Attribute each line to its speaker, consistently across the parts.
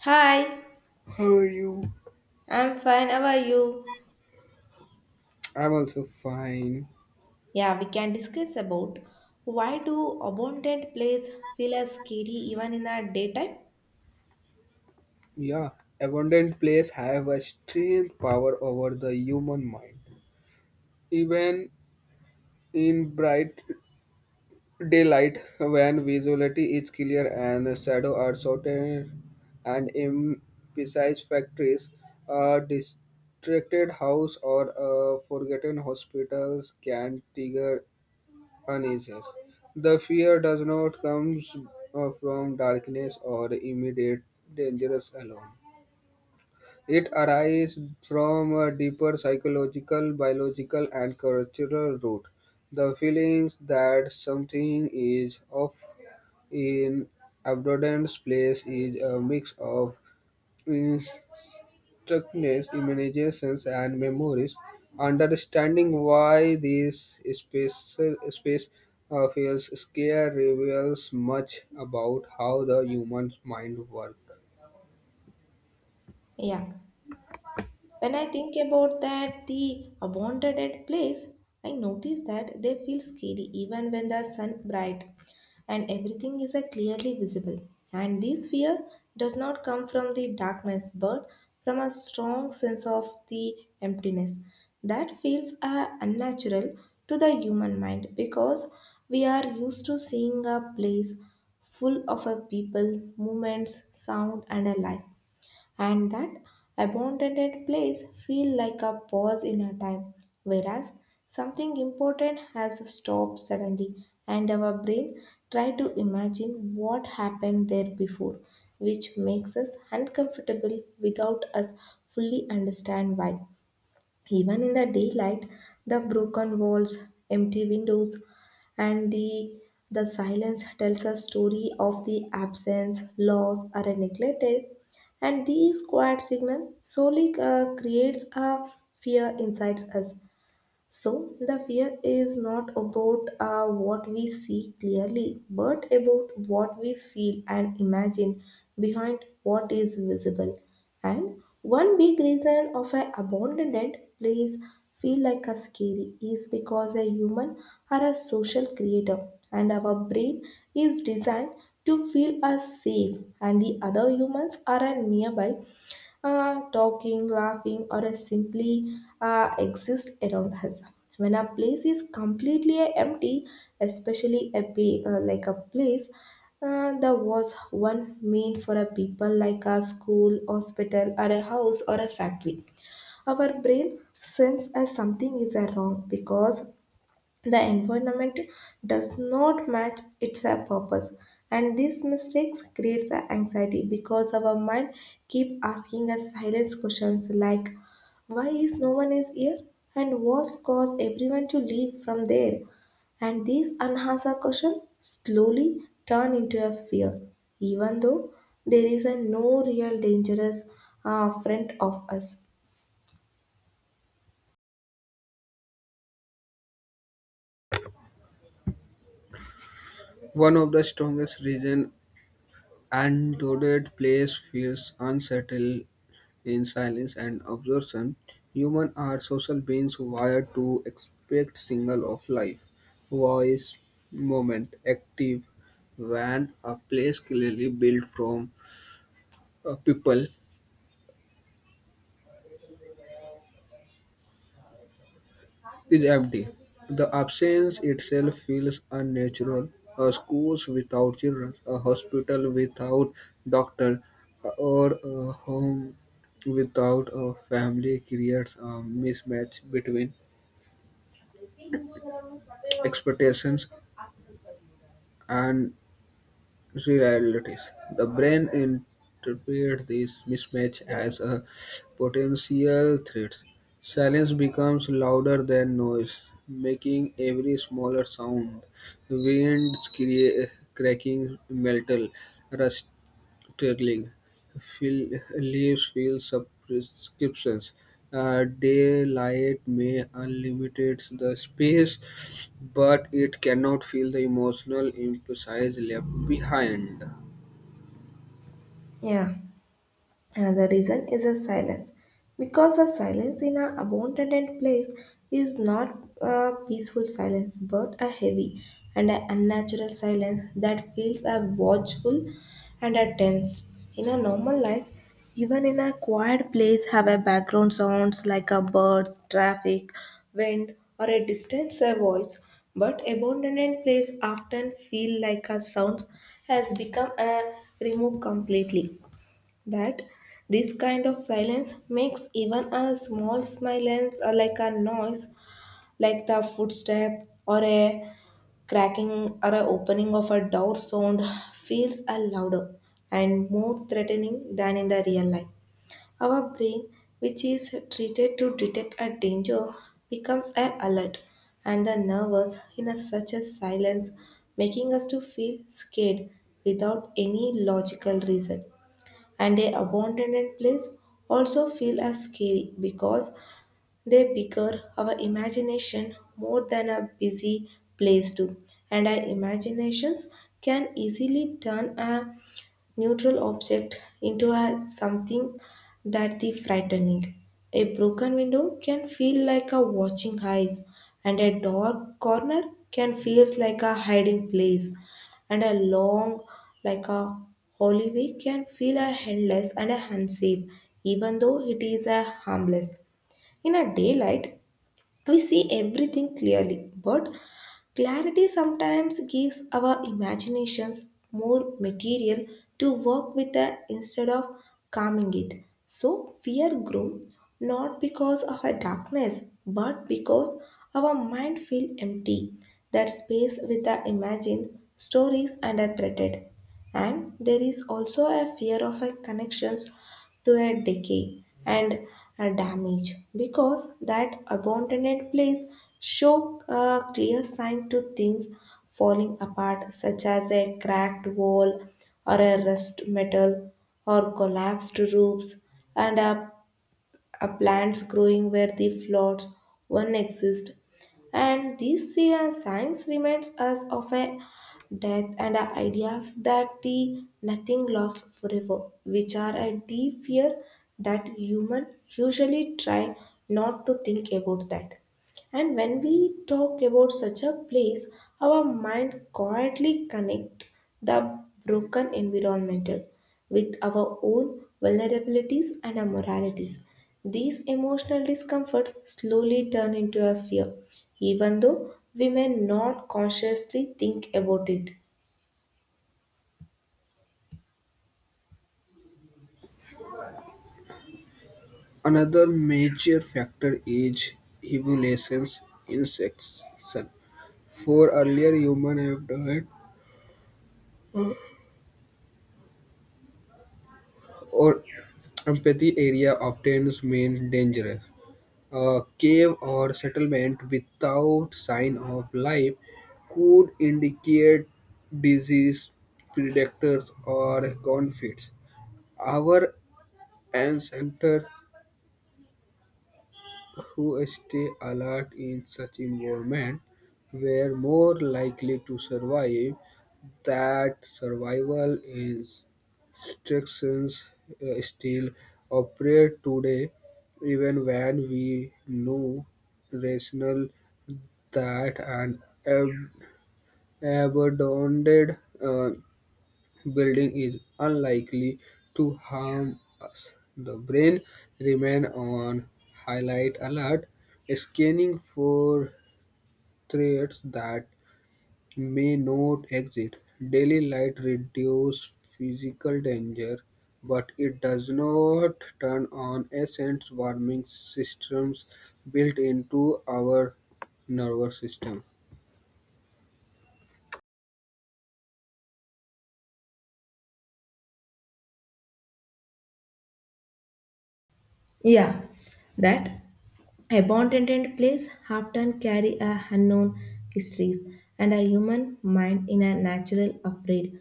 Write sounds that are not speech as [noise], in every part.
Speaker 1: Hi,
Speaker 2: How are you?
Speaker 1: I'm fine. How are you?
Speaker 2: I'm also fine.
Speaker 1: Yeah, we can discuss about why do abundant place feel as scary even in the daytime?
Speaker 2: Yeah, abundant plays have a strange power over the human mind. Even in bright daylight, when visibility is clear and shadows are shorter, and in precise factories, a distracted house or a forgotten hospitals can trigger unanswered. The fear does not come from darkness or immediate dangers alone. It arises from a deeper psychological, biological, and cultural root. The feelings that something is off in abundance place is a mix of structures, imaginations, and memories, understanding why these space feels scary reveals much about how the human mind works.
Speaker 1: Yeah. When I think about that, the abandoned place, I notice that they feel scary even when the sun bright and everything is clearly visible. And this fear does not come from the darkness but from a strong sense of the emptiness that feels unnatural to the human mind, because we are used to seeing a place full of a people, movements, sound, and a life, and that abandoned place feel like a pause in our time, whereas something important has stopped suddenly and our brain try to imagine what happened there before, which makes us uncomfortable without us fully understand why. Even in the daylight, the broken walls, empty windows, and the silence tells a story of the absence, loss, or a neglected. And these quiet signal solely creates a fear inside us. So, the fear is not about what we see clearly, but about what we feel and imagine behind what is visible. And one big reason of an abandoned place feel like a scary is because a human are a social creator, and our brain is designed to feel us safe and the other humans are a nearby, talking, laughing, or simply exist around us. When a place is completely empty, especially like a place that was one meant for a people like a school, hospital, or a house or a factory, our brain sense as something is wrong because the environment does not match its purpose, and these mistakes creates anxiety because our mind keep asking us silence questions like, "Why is no one is here?" and "What cause everyone to leave from there?" And these unanswered questions slowly turn into a fear, even though there is a no real dangerous friend of us.
Speaker 2: One of the strongest reasons undoubted place feels unsettled in silence and absorption. Humans are social beings wired to expect signal of life, voice, moment, active, when a place clearly built from people is empty. The absence itself feels unnatural. Schools without children, a hospital without doctor, or a home without a family creates a mismatch between expectations and realities. The brain interprets this mismatch as a potential threat. Silence becomes louder than noise, making every smaller sound. Winds crea- Cracking metal, Sterling fill, leaves field subscriptions. Daylight may unlimited the space, but it cannot fill the emotional emphasis left behind.
Speaker 1: Yeah. Another reason is a silence, because a silence in an abandoned place is not a peaceful silence but a heavy and an unnatural silence that feels a watchful and a tense. In a normal life, even in a quiet place, have a background sounds like a birds, traffic, wind, or a distant voice. But abandoned place often feel like a sound has become a removed completely, that this kind of silence makes even a small silence or like a noise like the footstep or a cracking or a opening of a door sound feels a louder and more threatening than in the real life. Our brain, which is treated to detect a danger, becomes an alert and the nervous in a such a silence, making us to feel scared without any logical reason. And a abandoned place also feel as scary because they bigger our imagination more than a busy place do, and our imaginations can easily turn a neutral object into a something that the frightening. A broken window can feel like a watching eyes, and a dark corner can feels like a hiding place, and a long like a hallway, can feel a endless and a unsafe, even though it is a harmless. In a daylight, we see everything clearly, but clarity sometimes gives our imaginations more material to work with, instead of calming it. So fear grew not because of a darkness, but because our mind feel empty, that space with the imagined stories and are threatened. And there is also a fear of a connections to a decay and damage, because that abandoned place show a clear sign to things falling apart such as a cracked wall or a rust metal or collapsed roofs and a plants growing where the floods one exist, and this sea and science reminds us of a death and our ideas that the nothing lost forever, which are a deep fear that human usually try not to think about that. And when we talk about such a place, our mind quietly connect the broken environmental with our own vulnerabilities and our moralities. These emotional discomforts slowly turn into a fear, even though we may not consciously think about it.
Speaker 2: Another major factor is evolution's insertion. For earlier human have died or empathy area obtains means dangerous. A cave or settlement without sign of life could indicate disease, predators, or conflicts. Our ancestors who stay alert in such environment were more likely to survive. That survival instructions still operate today, even when we know rational that an abandoned building is unlikely to harm us. The brain remains on highlight alert, scanning for threats that may not exist. Daily light reduces physical danger, but it does not turn on essence warming systems built into our nervous system.
Speaker 1: Yeah, that abandoned place often carry a unknown histories, and a human mind in a natural afraid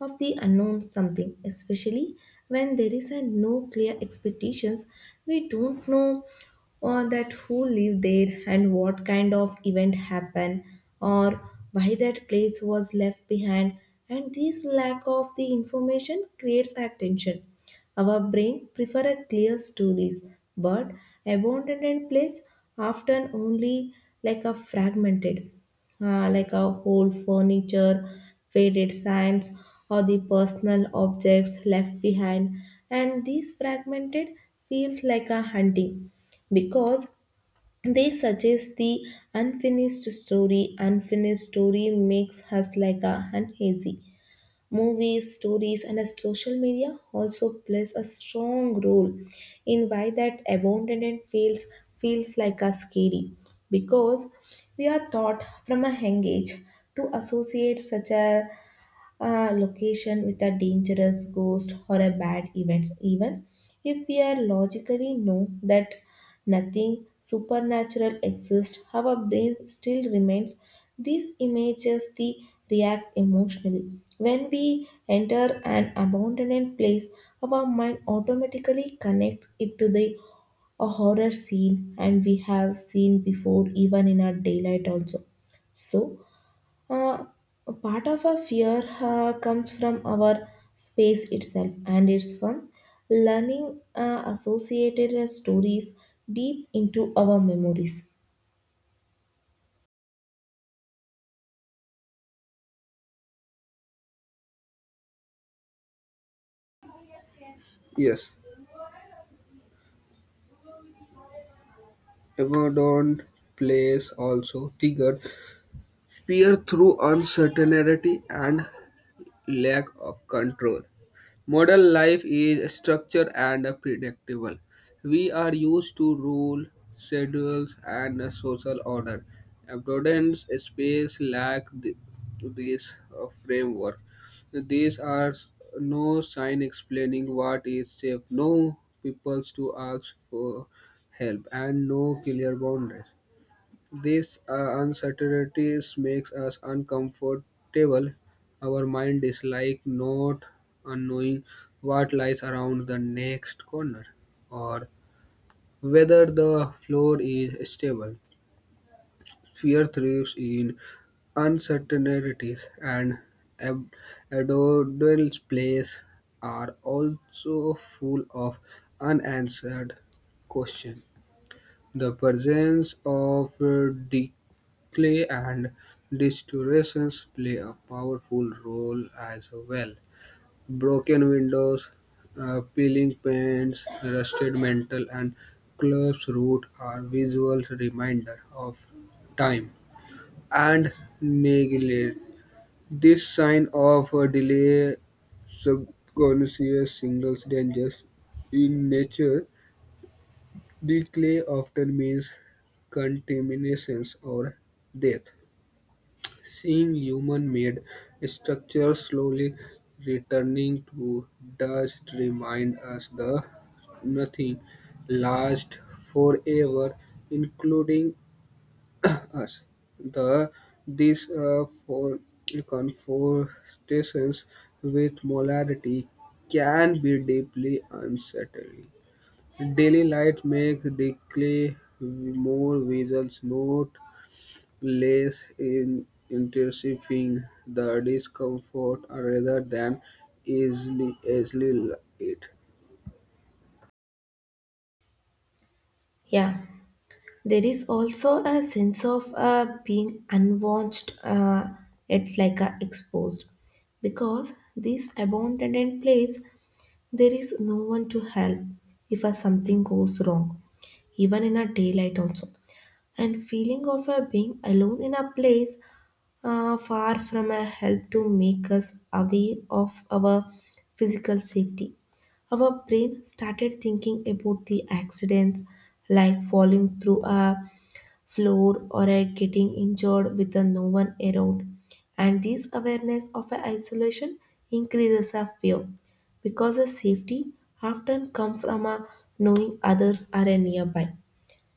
Speaker 1: of the unknown something, especially when there is a no clear expectations. We don't know or that who lived there and what kind of event happened or why that place was left behind, and this lack of the information creates a tension. Our brain prefer a clear stories, but abandoned place often only like a fragmented, like a whole furniture, faded signs, or the personal objects left behind. And these fragmented feels like a hunting because they suggest the unfinished story. Unfinished story makes us like a uneasy. Movies, stories, and as social media also plays a strong role in why that abandonment feels like a scary, because we are taught from a young age to associate such a location with a dangerous ghost or a bad events. Even if we are logically know that nothing supernatural exists, our brain still remains these images the react emotionally. When we enter an abandoned place, our mind automatically connects it to the a horror scene and we have seen before, even in our daylight also. So uh, part of our fear comes from our space itself, and it's from learning associated stories deep into our memories.
Speaker 2: Yes. Everdeen plays also trigger fear through uncertainty and lack of control. Modern life is structured and predictable. We are used to rules, schedules, and a social order. Abundance space lack this framework. These are no sign explaining what is safe, no people to ask for help, and no clear boundaries. This uncertainty makes us uncomfortable. Our mind is like not knowing what lies around the next corner or whether the floor is stable. Fear thrives in uncertainties, and ab- abdominal plays are also full of unanswered questions. The presence of decay and distortions play a powerful role as well. Broken windows, peeling paints, rusted metal, and clubs root are visual reminder of time and neglect. This sign of a delay subconscious signals dangers in nature. Decay often means contamination or death, seeing human-made structures slowly returning to dust remind us that nothing lasts forever, including [clears throat] us. The these for confrontations with morality can be deeply unsettling. Daily light makes the clay more visible, not less, in intensifying the discomfort rather than easily it.
Speaker 1: Yeah. There is also a sense of being unwatched, yet like exposed, because this abandoned place there is no one to help if something goes wrong, even in a daylight also. And feeling of being alone in a place, far from a help to make us aware of our physical safety. Our brain started thinking about the accidents like falling through a floor or a getting injured with a no one around. And this awareness of a isolation increases our fear, because a safety often comes from a knowing others are nearby.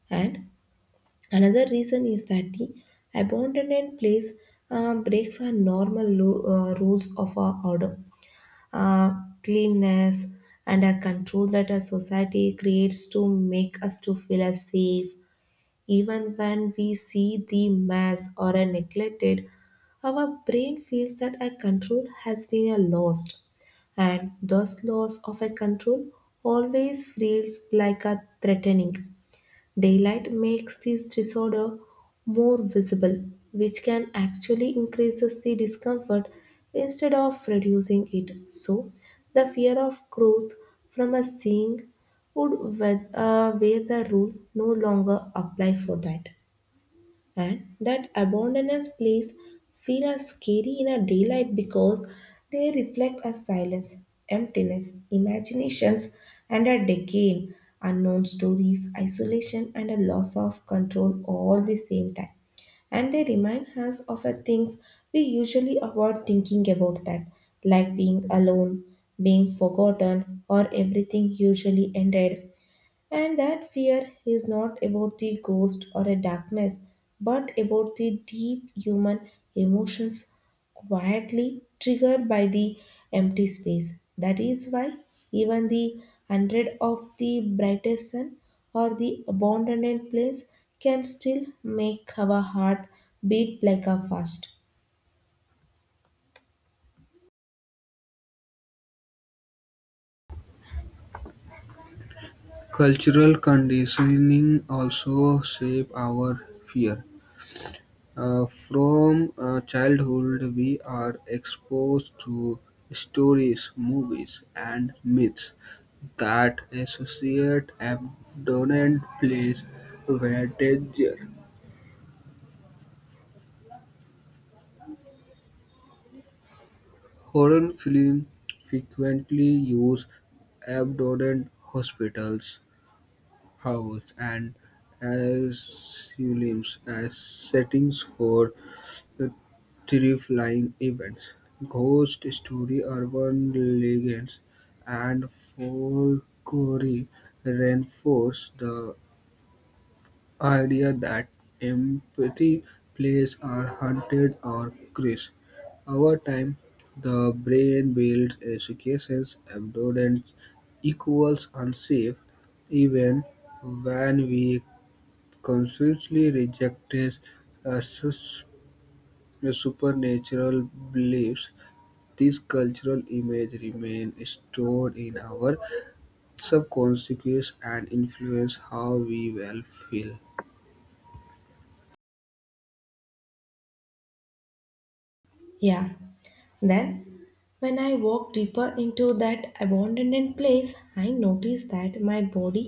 Speaker 1: And another reason is that the abandoned place breaks our normal rules of our order, uh, cleanness, and a control that a society creates to make us to feel as safe. Even when we see the mess or a neglected, our brain feels that a control has been a lost, and thus loss of a control always feels like a threatening. Daylight makes this disorder more visible, which can actually increases the discomfort instead of reducing it. So, the fear of growth from a seeing would, where the rule no longer apply for that, and that abandoned place feel as scary in a daylight because they reflect a silence, emptiness, imaginations, and a decay, unknown stories, isolation, and a loss of control all the same time. And they remind us of a things we usually avoid thinking about that, like being alone, being forgotten, or everything usually ended. And that fear is not about the ghost or a darkness, but about the deep human emotions quietly triggered by the empty space. That is why even the hundred of the brightest sun or the abandoned plains can still make our heart beat like a fast.
Speaker 2: Cultural conditioning also shape our fear. From childhood, we are exposed to stories, movies, and myths that associate abandoned place were danger. Horror films frequently use abandoned hospitals, houses, and asylums as settings for the terrifying events. Ghost story urban legends, and folklore reinforce the idea that empty places are haunted or cursed. Over time, the brain builds associations. Abundance equals unsafe, even when we consciously reject uh, sus- supernatural beliefs. These cultural images remain stored in our subconscious and influence how we will feel.
Speaker 1: Yeah. Then, when I walked deeper into that abandoned place, I noticed that my body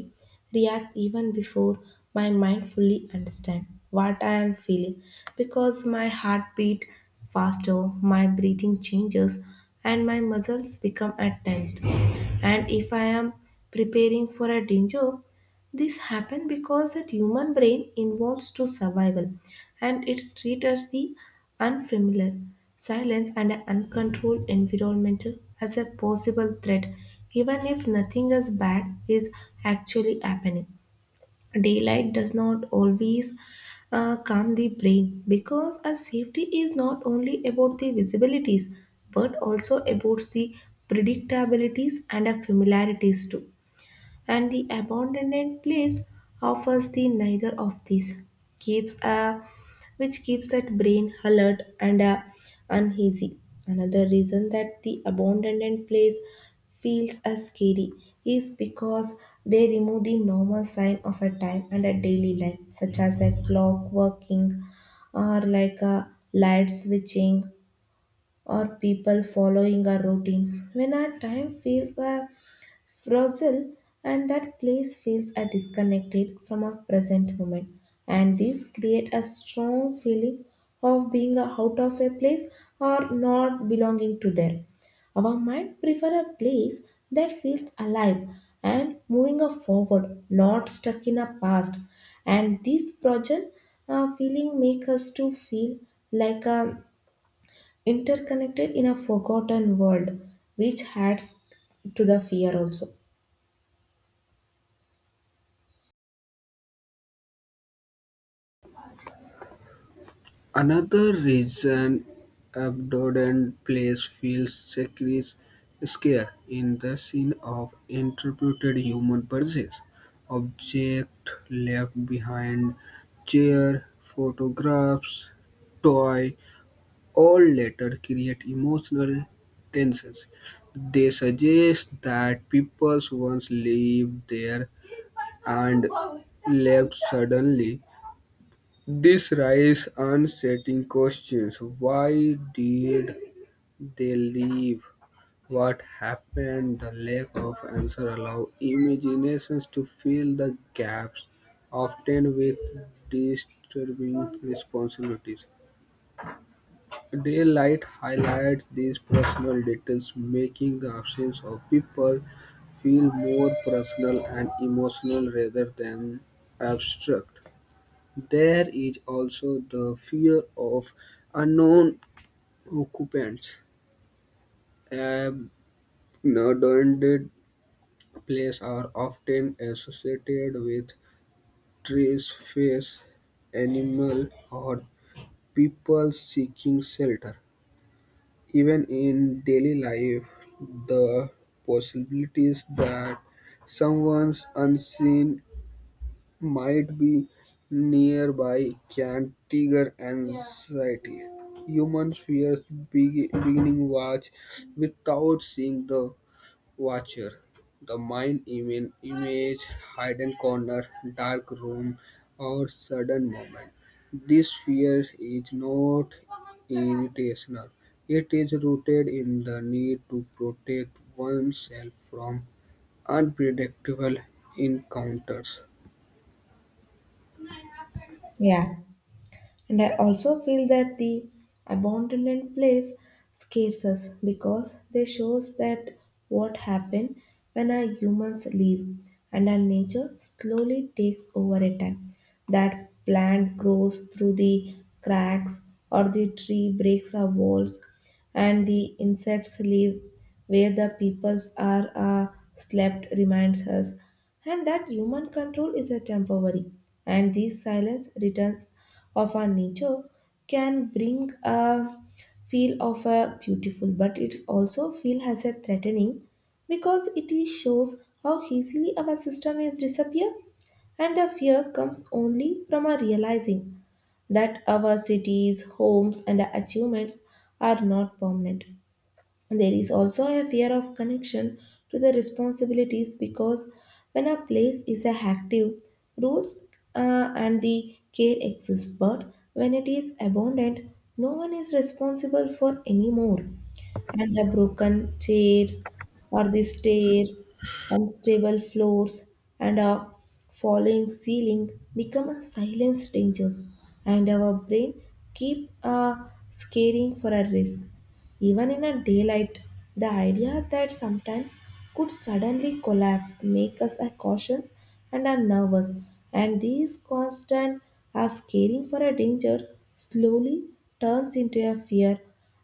Speaker 1: reacts even before my mind fully understands what I am feeling, because my heart beat faster, my breathing changes, and my muscles become at tensed. And if I am preparing for a danger, this happened because the human brain involves to survival, and it's treated as the unfamiliar, silence and an uncontrolled environment as a possible threat, even if nothing as bad is actually happening. Daylight does not always calm the brain, because a safety is not only about the visibilities but also about the predictabilities and a familiarities too, and the abandoned place offers the neither of these keeps a which keeps that brain alert and uneasy. Another reason that the abandoned place feels as scary is because they remove the normal sign of a time and a daily life such as a clock working or like a light switching or people following a routine. When our time feels a frozen and that place feels are disconnected from our present moment, and these create a strong feeling of being out of a place or not belonging to there. Our mind prefer a place that feels alive and moving forward, not stuck in a past. And this frozen feeling make us to feel like a interconnected in a forgotten world, which adds to the fear also.
Speaker 2: Another reason abandoned place feels sacred is scare in the scene of interpreted human purchase. Object left behind, chair, photographs, toy, all later create emotional tensions. They suggest that people once lived there and left suddenly. This raises unsettling questions: why did they leave? What happened? The lack of answer allows imaginations to fill the gaps, often with disturbing responsibilities. Daylight highlights these personal details, making the absence of people feel more personal and emotional rather than abstract. There is also the fear of unknown occupants. Abandoned places are often associated with trees, fish, animals, or people seeking shelter. Even in daily life, the possibilities that someone unseen might be nearby can trigger anxiety. Humans fear beginning watch without seeing the watcher. The mind image hidden corner, dark room, or sudden moment. This fear is not irrational. It is rooted in the need to protect oneself from unpredictable encounters.
Speaker 1: Yeah. And I also feel that the abandoned place scares us because they shows that what happen when our humans leave and our nature slowly takes over a time. That plant grows through the cracks, or the tree breaks our walls and the insects live where the peoples are slept reminds us, and that human control is a temporary and this silence returns of our nature can bring a feel of a beautiful, but it also feel has a threatening because it is shows how easily our system is disappear. And the fear comes only from our realizing that our cities, homes and achievements are not permanent. There is also a fear of connection to the responsibilities because when a place is a active, rules and the care exist, but when it is abandoned, no one is responsible for anymore. And the broken chairs or the stairs, unstable floors, and a falling ceiling become a silence dangers, and our brain keep scaring for a risk. Even in a daylight, the idea that sometimes could suddenly collapse make us a cautious and are nervous, and these constant are scaring for a danger slowly turns into a fear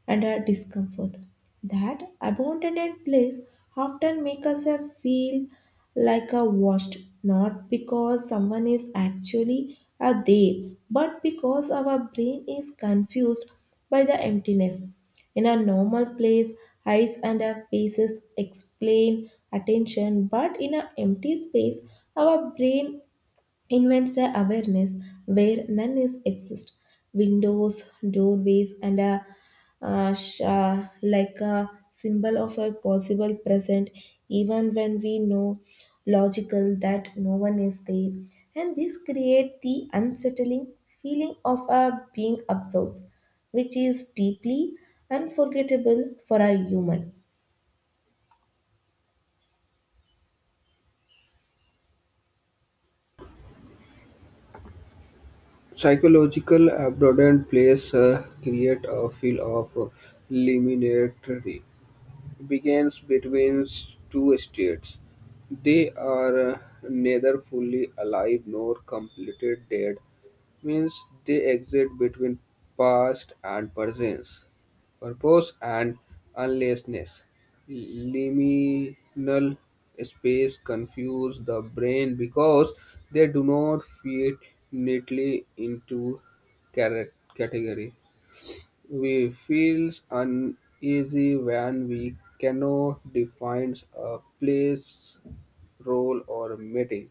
Speaker 1: and a discomfort. That abandoned place often make us a feel like a washed, not because someone is actually a there, but because our brain is confused by the emptiness. In a normal place, eyes and our faces explain attention, but in an empty space, our brain invents a awareness where none is exist. Windows, doorways and a like a symbol of a possible present, even when we know logical that no one is there, and this create the unsettling feeling of a being observed, which is deeply unforgettable for a human.
Speaker 2: Psychological abandoned place create a feel of liminality begins between two states. They are neither fully alive nor completely dead, means they exist between past and presence, purpose and unlessness. Liminal space confuse the brain because they do not fit neatly into category. We feel uneasy when we cannot define a place, role, or meeting.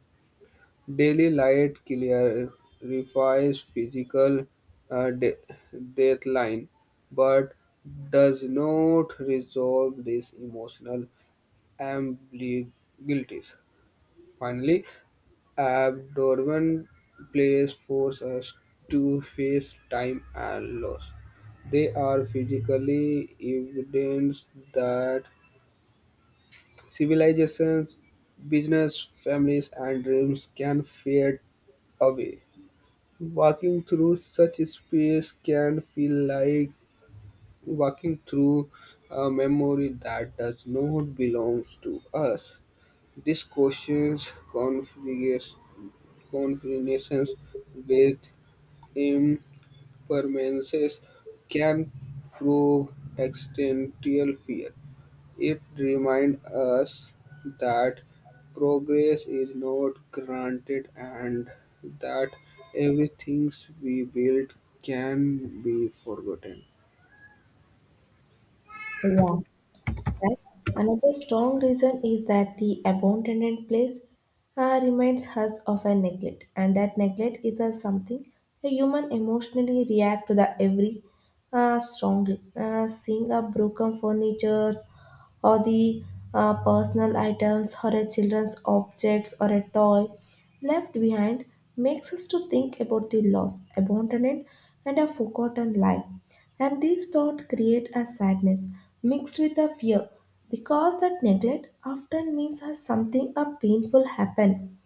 Speaker 2: Daily light clarifies physical uh, de- deadline, but does not resolve these emotional ambiguities. Finally, abnormal plays force us to face time and loss. They are physically evidence that civilizations, business, families, and dreams can fade away. Walking through such space can feel like walking through a memory that does not belong to us. This questions configurations with impermanences can prove existential fear. It reminds us that progress is not granted and that everything we build can be forgotten.
Speaker 1: Yeah. Right? Another strong reason is that the abandoned place reminds us of a neglect, and that neglect is a something a human emotionally react to the every strongly. Seeing a broken furnitures or the personal items or a children's objects or a toy Left Behind makes us to think about the lost, abandoned, and a forgotten life. And these thoughts create a sadness mixed with a fear because that neglect often means us something a painful happen.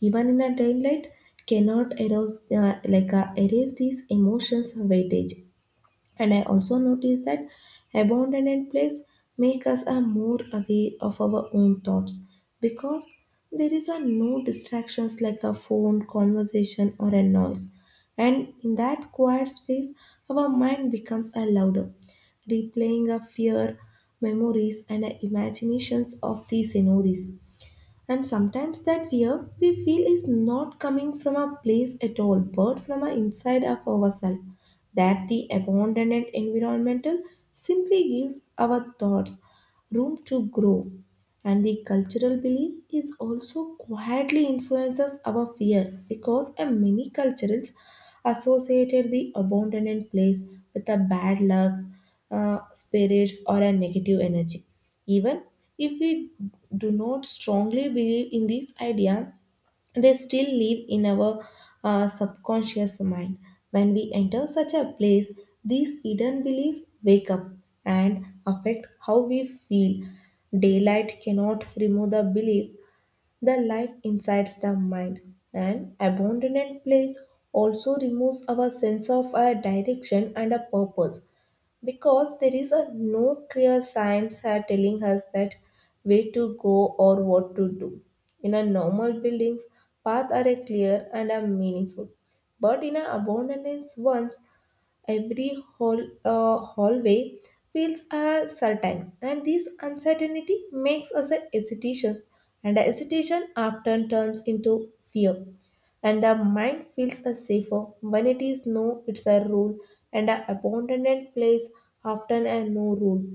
Speaker 1: Even in a daylight cannot erase, erase these emotions weightage. And I also noticed that abandoned place make us a more aware of our own thoughts because there is a no distractions like a phone, conversation or a noise. And in that quiet space, our mind becomes a louder, replaying a fear, memories and a imaginations of these scenarios. And sometimes that fear we feel is not coming from a place at all, but from a inside of ourselves. That the abandoned environmental simply gives our thoughts room to grow. And the cultural belief is also quietly influences our fear because many cultures associated the abandoned place with a bad luck spirits or a negative energy. Even if we do not strongly believe in this idea, they still live in our subconscious mind. When we enter such a place, these hidden beliefs wake up and affect how we feel. Daylight cannot remove the belief, the life incites the mind. An abandoned place also removes our sense of a direction and a purpose because there is a no clear signs are telling us that way to go or what to do. In a normal buildings, paths are a clear and are meaningful. But in a abandoned ones, every hall, hallway feels certain, and this uncertainty makes us a hesitation, and the hesitation often turns into fear. And the mind feels a safer when it is no, it's a rule, and an abandoned place often a no rule.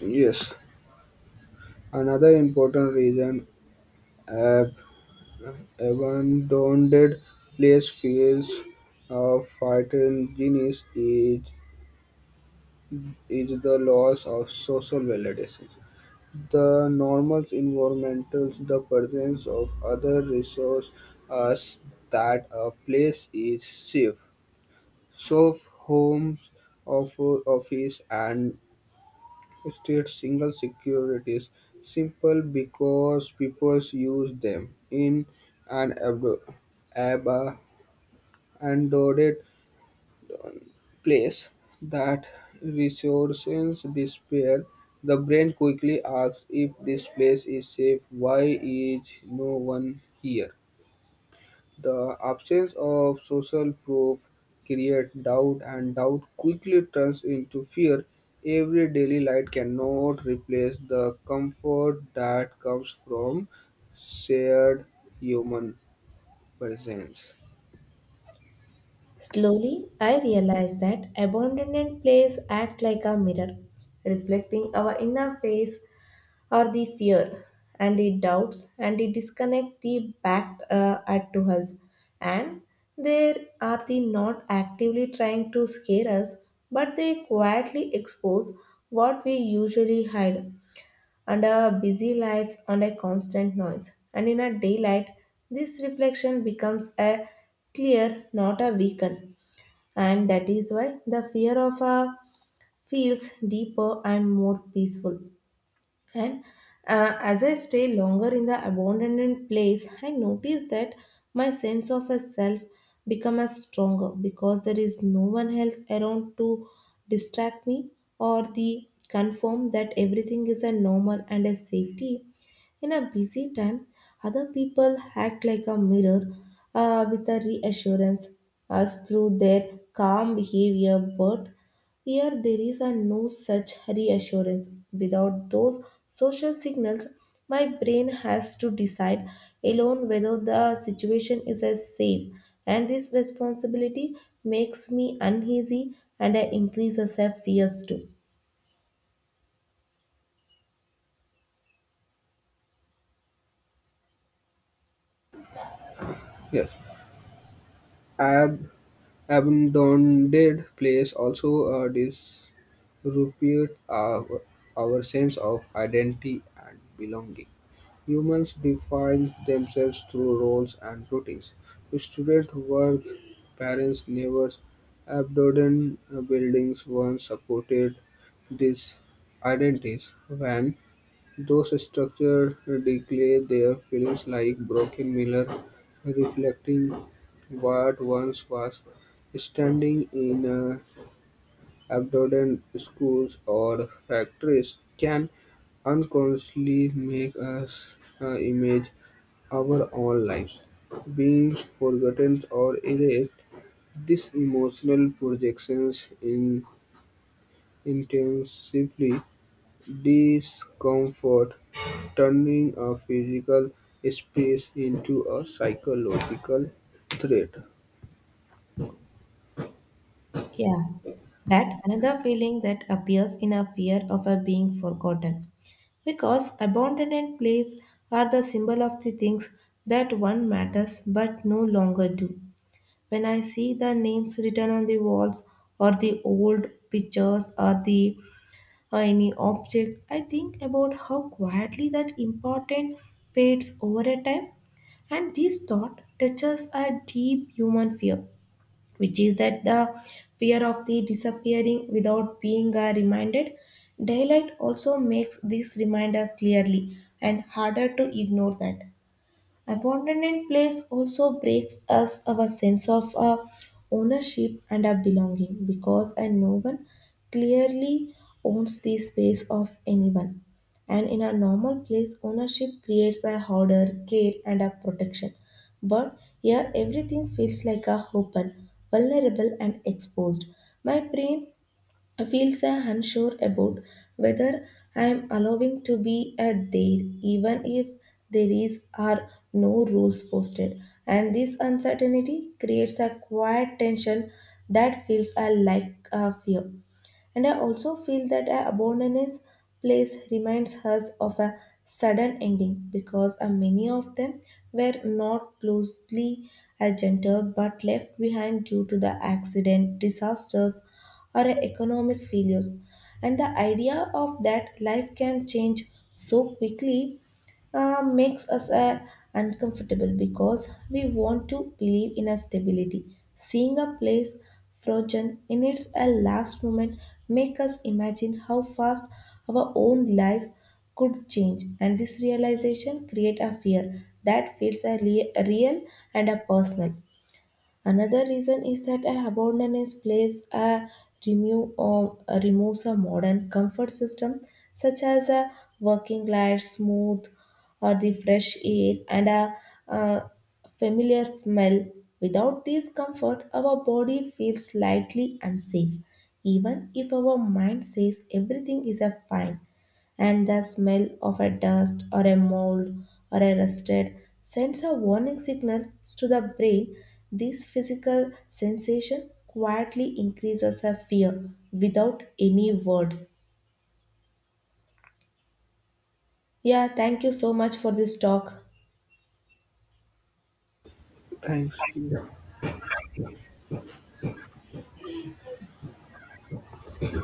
Speaker 2: Yes, another important reason ab- abandoned place feels of fighting genius is the loss of social validation. The normal environmentals, the presence of other resources that a place is safe. So homes, of office and state single securities simple because people use them in an ab- abandoned place that resources despair, the brain quickly asks if this place is safe, why is no one here? The absence of social proof creates doubt, and doubt quickly turns into fear. Every daily light cannot replace the comfort that comes from shared human presence.
Speaker 1: Slowly, I realized that abandoned plays act like a mirror, reflecting our inner face or the fear and the doubts and the disconnect they backed at to us. And they are the not actively trying to scare us, but they quietly expose what we usually hide and our busy lives and a constant noise. And in a daylight, this reflection becomes a clear, not a weaken. And that is why the fear of a feels deeper and more peaceful. And As I stay longer in the abandoned place, I notice that my sense of a self become a stronger because there is no one else around to distract me or the confirm that everything is a normal and a safety in a busy time, other people act like a mirror with a reassurance us through their calm behavior, but here there is a no such reassurance. Without those social signals, my brain has to decide alone whether the situation is as safe, and this responsibility makes me uneasy and I increase as a fears too.
Speaker 2: Yes. Ab- Abandoned place also disrepute our sense of identity and belonging. Humans define themselves through roles and routines. Student work, parents, neighbors, abandoned buildings once supported these identities. When those structures declare their feelings like broken mirrors reflecting what once was standing in a abandoned schools or factories can unconsciously make us image our own lives being forgotten or erased. These emotional projections intensively discomfort, turning a physical space into a psychological threat.
Speaker 1: Yeah, that another feeling that appears in a fear of a being forgotten. Because abandoned places are the symbol of the things that one matters but no longer do. When I see the names written on the walls or the old pictures or the or any object, I think about how quietly that important fades over a time, and this thought touches a deep human fear, which is that the fear of the disappearing without being reminded. Daylight also makes this reminder clearly and harder to ignore that. Abandoned place also breaks us our sense of ownership and our belonging because and no one clearly owns the space of anyone. And in a normal place, ownership creates a order, care, and a protection. But here, everything feels like a open, vulnerable, and exposed. My brain feel so unsure about whether I am allowing to be a there, even if there is are no rules posted. And this uncertainty creates a quiet tension that feels a like a fear. And I also feel that a abandoned place reminds us of a sudden ending because a many of them were not closely adjusted, but left behind due to the accident, disasters, or economic failures. And the idea of that life can change so quickly makes us uncomfortable because we want to believe in a stability. Seeing a place frozen in its last moment make us imagine how fast our own life could change, and this realization create a fear that feels a real and a personal. Another reason is that a abandoned place a remove or removes a modern comfort system such as a working light, smooth, or the fresh air and a, uh familiar smell. Without this comfort, our body feels slightly unsafe, even if our mind says everything is a fine, and the smell of a dust or a mold or a rusted sends a warning signal to the brain. This physical sensation quietly increases a fear without any words. Yeah, thank you so much for this talk.
Speaker 2: Thanks. Kiran.